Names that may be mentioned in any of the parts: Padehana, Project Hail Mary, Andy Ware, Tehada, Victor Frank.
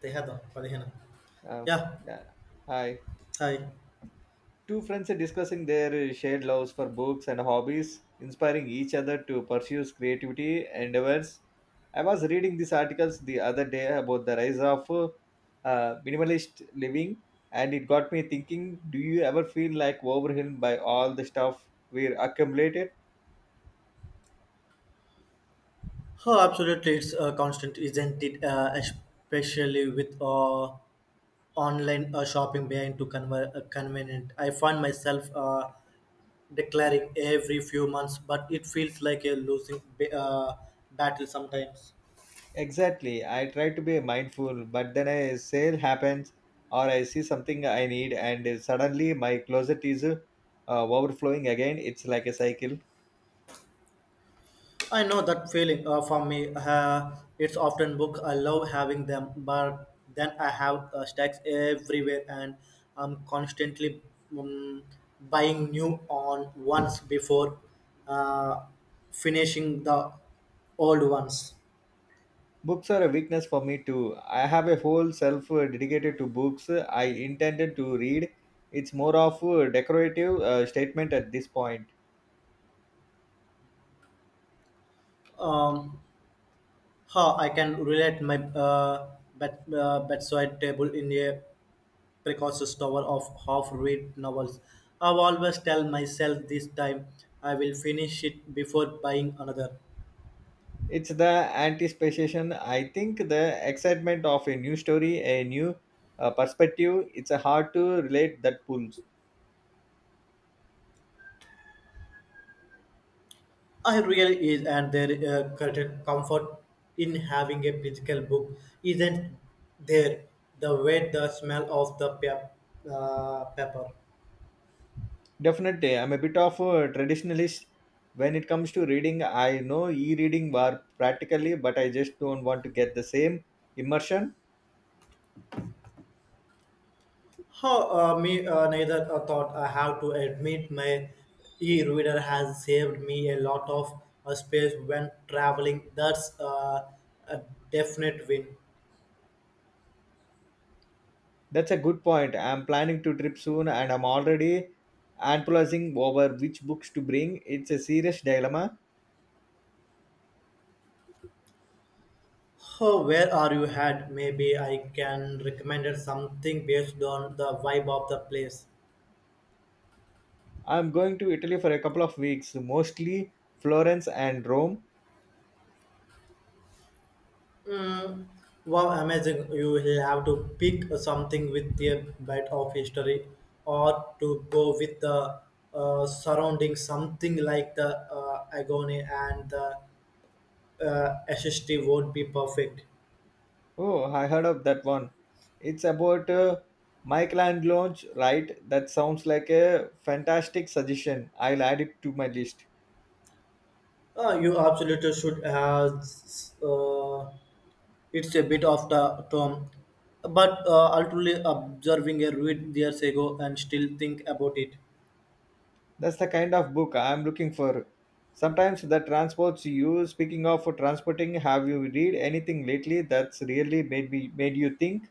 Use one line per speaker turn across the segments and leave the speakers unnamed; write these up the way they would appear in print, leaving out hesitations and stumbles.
Tehada, Padehana.
Uh,
Yeah,
yeah. Hi.
hi.
Two friends are discussing their shared loves for books and hobbies, inspiring each other to pursue creativity endeavors. I was reading these articles the other day about the rise of minimalist living, and it got me thinking, do you ever feel like overwhelmed by all the stuff we're accumulated?
Oh, absolutely, it's constant, isn't it? Especially with online shopping being too convenient. I find myself declaring every few months, but it feels like a losing battle sometimes.
Exactly. I try to be mindful, but then a sale happens or I see something I need, and suddenly my closet is overflowing again. It's like a cycle.
I know that feeling for me. It's often book. I love having them, but then I have stacks everywhere, and I'm constantly um, buying new on ones before uh, finishing the old ones.
Books are a weakness for me too. I have a whole self dedicated to books I intended to read. It's more of a decorative statement at this point.
Um, how I can relate my bedside table in a precocious tower of half-read novels. I always tell myself this time I will finish it before buying another.
It's the anticipation. I think the excitement of a new story, a new perspective. It's a hard to relate that pulls.
I really is, and there certain comfort in having a physical book isn't there. The weight, the smell of the paper.
Definitely, I'm a bit of a traditionalist when it comes to reading. I know e-reading were practically, but I just don't want to get the same immersion.
How me neither a thought I have to admit my e-reader has saved me a lot of space when traveling. That's a definite win.
That's a good point. I'm planning to trip soon, and I'm already analyzing over which books to bring. It's a serious dilemma.
Oh, where are you at? Maybe I can recommend it something based on the vibe of the place.
I'm going to Italy for a couple of weeks, mostly Florence and Rome.
Mm. Wow, amazing. You will have to pick something with a bit of history or to go with the surrounding something like the agony and the SST won't be perfect.
Oh, I heard of that one. It's about Michelangelo's, right? That sounds like a fantastic suggestion. I'll add it to my list.
You absolutely should have. Uh, It's a bit of the term, but ultimately observing a ruin years ago and still think about it.
That's the kind of book I'm looking for. Sometimes that transports you. Speaking of transporting, have you read anything lately that's really made me made you think?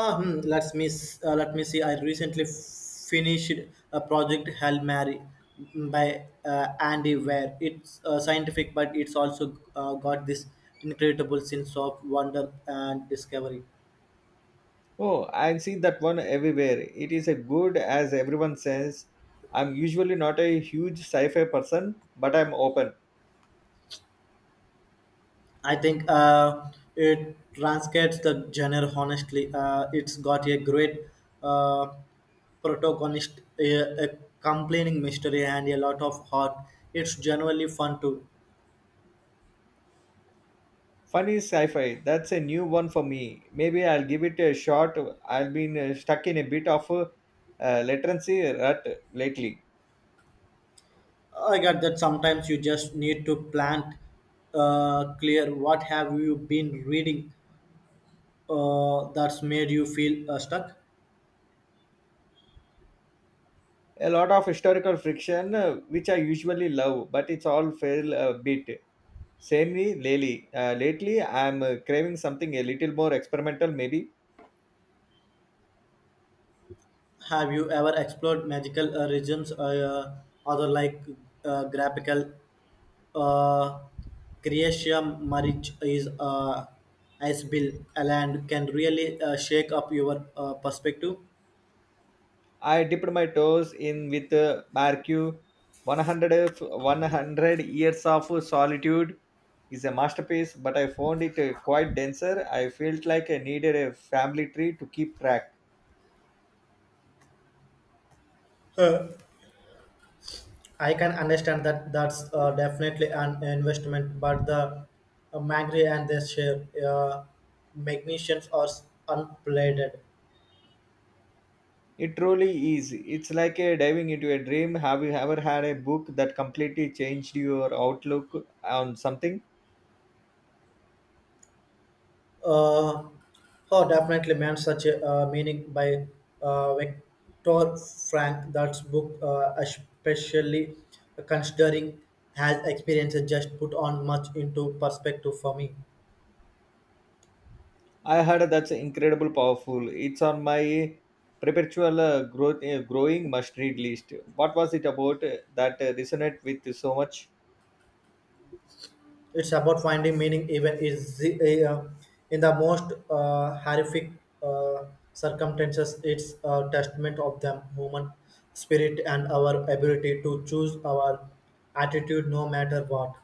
Hmm, let me see. I recently finished a project Hail Mary mm, by Andy Ware. It's scientific, but it's also got this incredible sense of wonder and discovery.
Oh, I've seen that one everywhere. It is a good as everyone says. I'm usually not a huge sci-fi person, but I'm open.
I think it transcends the genre honestly. It's got a great uh, protagonist, a complaining mystery, and a lot of heart. It's generally fun too.
Funny sci-fi. That's a new one for me. Maybe I'll give it a shot. I've been stuck in a bit of a literacy rut lately.
I get that sometimes you just need to plant clear what have you been reading that's made you feel stuck.
A lot of historical friction, which I usually love, but it's all fail a bit. Samely lately, lately I'm craving something a little more experimental, maybe.
Have you ever explored magical regions other like graphical Uh, Croatia marriage is as Bill and can really shake up your perspective.
I dipped my toes in with Barque. 100 years of solitude is a masterpiece, but I found it quite denser. I felt like I needed a family tree to keep track.
Uh, I can understand that that's definitely an investment, but the Magri and their share magnificence are unplated.
It truly is. It's like a diving into a dream. Have you ever had a book that completely changed your outlook on something?
Uh, oh, definitely, man, such a meaning by Victor Frank. That's book, especially considering has experience just put on much into perspective for me.
I heard that's incredible powerful. It's on my perpetual growth, growing must read list. What was it about that resonate with so much?
It's about finding meaning even in the most horrific uh, circumstances. It's a testament of the human spirit and our ability to choose our attitude no matter what.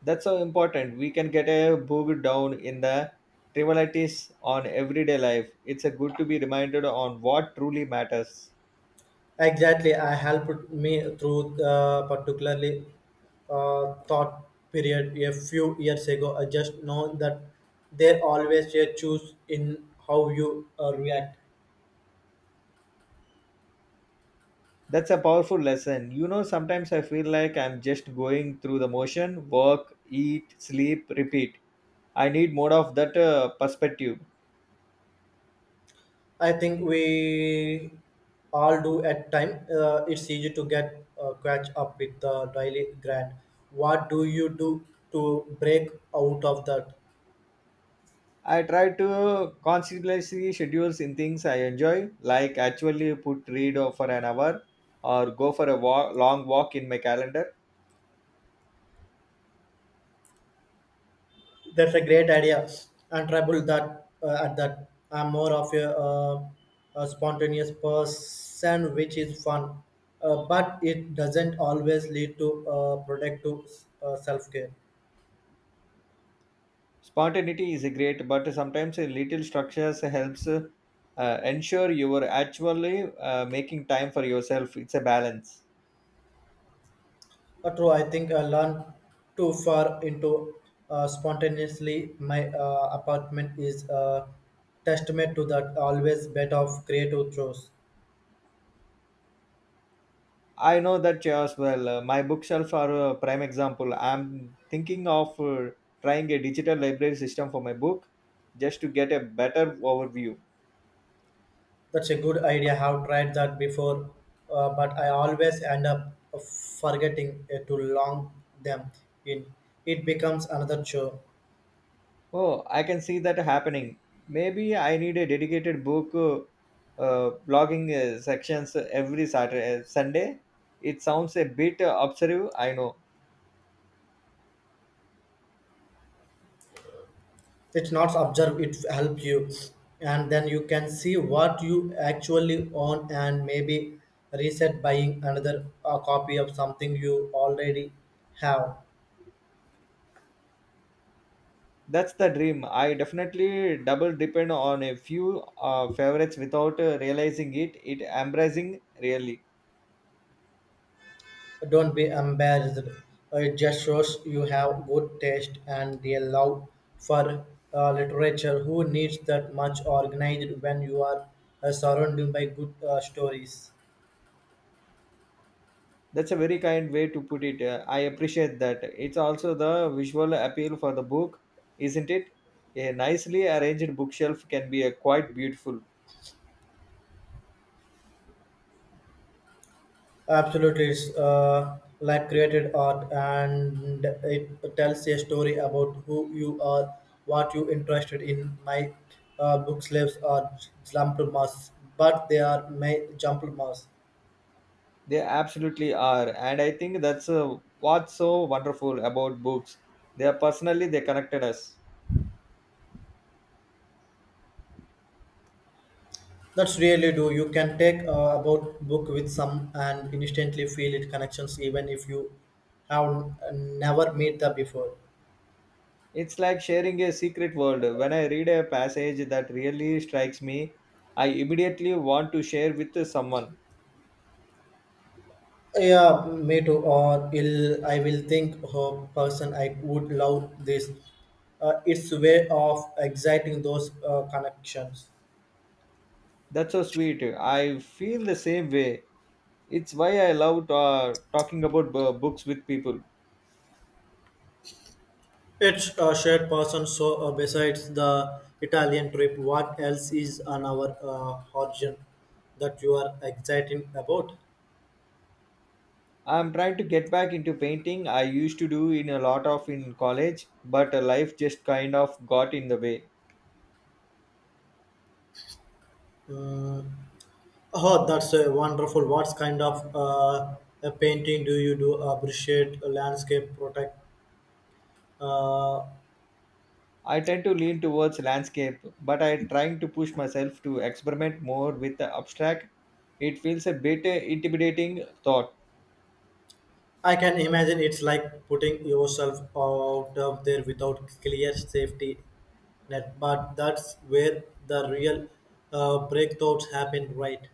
That's so important. We can get a bogged down in the trivialities on everyday life. It's a good to be reminded on what truly matters.
Exactly, I helped me through the particularly thought period a few years ago. I just know that there always a choose in how you react.
That's a powerful lesson. You know, sometimes I feel like I'm just going through the motion, work, eat, sleep, repeat. I need more of that perspective.
I think we all do at time. It's easy to get catch up with the daily grind. What do you do to break out of that?
I try to consciously schedules in things I enjoy, like actually put read for an hour or go for a walk, long walk in my calendar.
That's a great idea. And trouble that at that I'm more of a spontaneous person, which is fun, but it doesn't always lead to productive self care.
Spontaneity is great, but sometimes a little structures helps ensure you are actually making time for yourself. It's a balance.
But true, I think I learned too far into spontaneously. My apartment is a testament to that always bit of creative chores.
I know that as well. My bookshelf are a prime example. I'm thinking of trying a digital library system for my book just to get a better overview.
That's a good idea. I have tried that before, but I always end up forgetting to log them in. It becomes another chore.
Oh, I can see that happening. Maybe I need a dedicated book blogging sections every Saturday, Sunday. It sounds a bit obsessive, I know.
It's not observe, it help you. And then you can see what you actually own and maybe reset buying another copy of something you already have.
That's the dream. I definitely double depend on a few favorites without realizing it. It embracing really.
Don't be embarrassed. It just shows you have good taste and a love for literature. Who needs that much organized when you are surrounded by good stories?
That's a very kind way to put it. I appreciate that. It's also the visual appeal for the book, isn't it? A nicely arranged bookshelf can be quite beautiful.
Absolutely, it's like created art, and it tells a story about who you are, what you interested in. My book slaves are jumbled mass, but they are my jumbled mass.
They absolutely are, and I think that's what's so wonderful about books. They are personally they connected us.
That's really do. You can take about book with some and instantly feel it connections even if you have never met them before.
It's like sharing a secret world. When I read a passage that really strikes me, I immediately want to share with someone.
Yeah, me too. Or I will think her person I would love this. It's way of exciting those connections.
That's so sweet. I feel the same way. It's why I love talking about books with people.
It's a shared person. So besides the Italian trip, what else is on our horizon that you are excited about?
I'm trying to get back into painting. I used to do in a lot of in college, but life just kind of got in the way.
Mm. Oh, that's wonderful. What kind of a painting do you do? Appreciate a landscape, protect. Uh,
I tend to lean towards landscape, but I trying to push myself to experiment more with the abstract. It feels a bit intimidating thought.
I can imagine it's like putting yourself out of there without clear safety net. But that's where the real breakthroughs happen, right?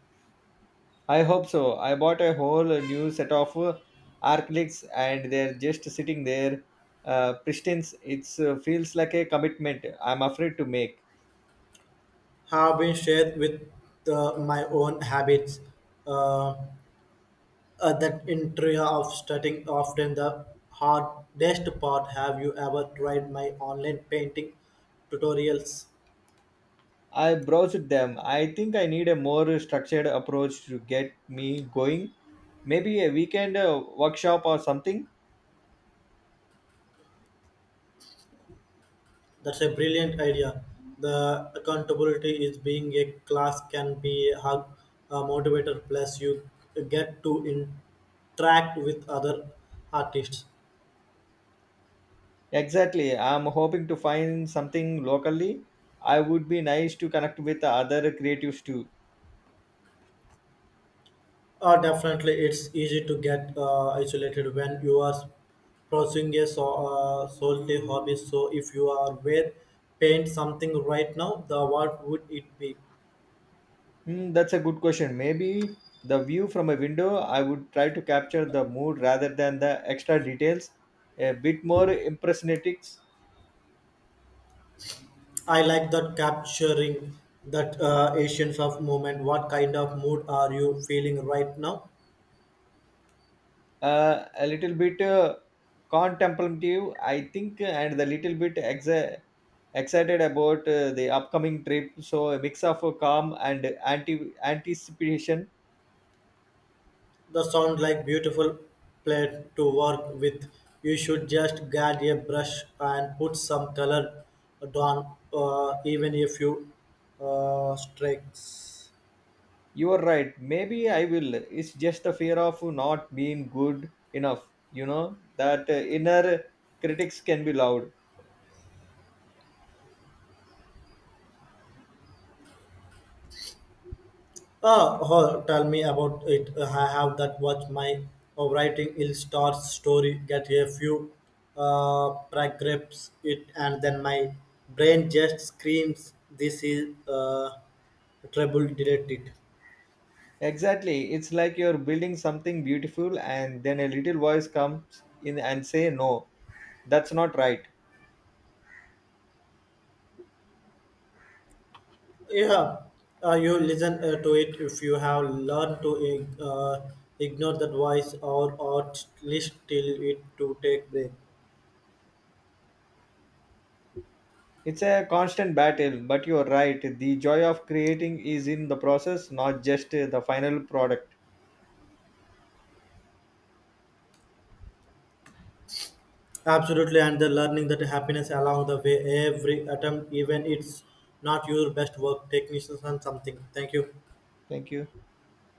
I hope so. I bought a whole new set of acrylics and they're just sitting there pristine. It feels like a commitment I'm afraid to make.
Have been shared with my own habits. Uh, that intrigue of starting often the hardest part. Have you ever tried my online painting tutorials?
I browsed them. I think I need a more structured approach to get me going. Maybe a weekend workshop or something.
That's a brilliant idea. The accountability is being a class can be a motivator. Plus, you get to interact with other artists.
Exactly. I'm hoping to find something locally. I would be nice to connect with other creatives too.
Definitely, it's easy to get isolated when you are pursuing a so, solely hobby. So, if you are where paint something right now, the what would it be?
Hmm, that's a good question. Maybe the view from a window, I would try to capture the mood rather than the extra details. A bit more impressionatics,
I like that capturing that essence of moment. What kind of mood are you feeling right now?
a little bit contemplative, I think, and a little bit excited about the upcoming trip. So a mix of calm and anticipation.
The sound like beautiful plate to work with. You should just get a brush and put some color down, even if you strikes.
You are right. Maybe I will. It's just the fear of not being good enough. You know, that inner critics can be loud.
Oh, Tell me about it. I have that Watch my writing ill star story. Get a few paragraphs it, and then my brain just screams, "This is trouble." Delete it.
Exactly. It's like you're building something beautiful and then a little voice comes in and say no. That's not right.
Yeah, you listen to it if you have learned to ignore that voice or at least till it to take break.
It's a constant battle, but you're right. The joy of creating is in the process, not just the final product.
Absolutely, and the learning that happiness along the way, every attempt, even it's not your best work, technicians and something. Thank you.
Thank you.